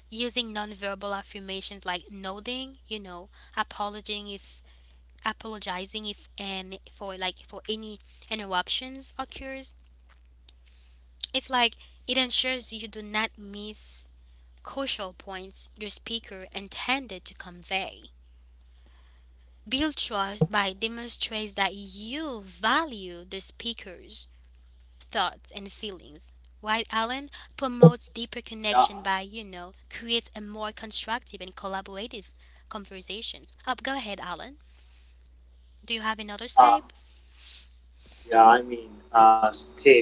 S1: using nonverbal affirmations like nodding, you know, apologizing if apologizing if and for like for any interruptions occurs. It's like it ensures you do not miss crucial points the speaker intended to convey. Build trust by demonstrates that you value the speaker's thoughts and feelings. While Allen promotes deeper
S3: Yeah,
S1: connection by, you know, creates a more constructive and collaborative conversations. Up, go ahead, Alan. Do you have another
S3: um,
S1: step?
S3: Step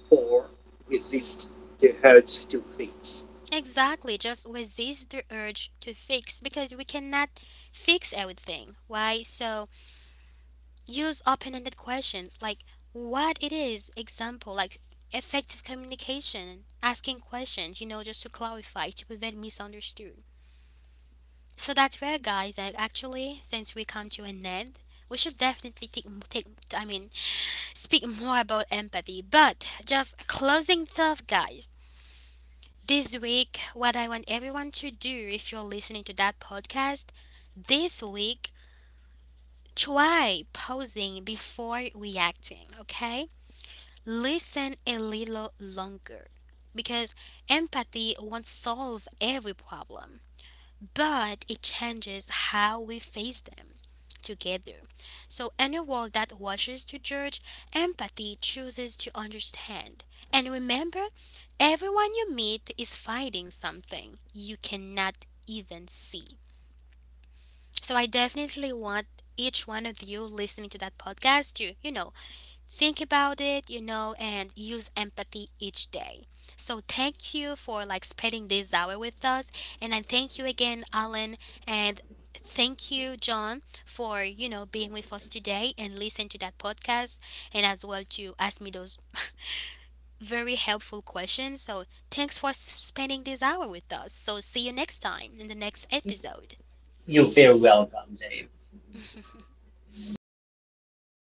S3: four, resist
S1: Mhm.
S3: the urge to fix.
S1: Exactly. Just resist the urge to fix because we cannot fix everything. Why? So use open-ended questions like what it is, example, like effective communication, asking questions, you know, just to clarify, to prevent misunderstood. So that's where, guys, I actually, since we come to an end, we should definitely I mean, speak more about empathy. But just closing thought, guys. This week, what I want everyone to do if you're listening to that podcast, this week, try pausing before reacting, okay? Listen a little longer because empathy won't solve every problem, but it changes how we face them together. So, in a world that watches to judge, empathy chooses to understand. And remember, everyone you meet is fighting something you cannot even see. So, I definitely want each one of you listening to that podcast to, you know, think about it, you know, and use empathy each day. So thank you for like spending this hour with us, and I thank you again, Alan, and thank you, John, for you know being with us today and listen to that podcast, and as well to ask me those very helpful questions. So thanks for spending this hour with us. So see you next time in the next episode.
S2: you're very welcome, Jay.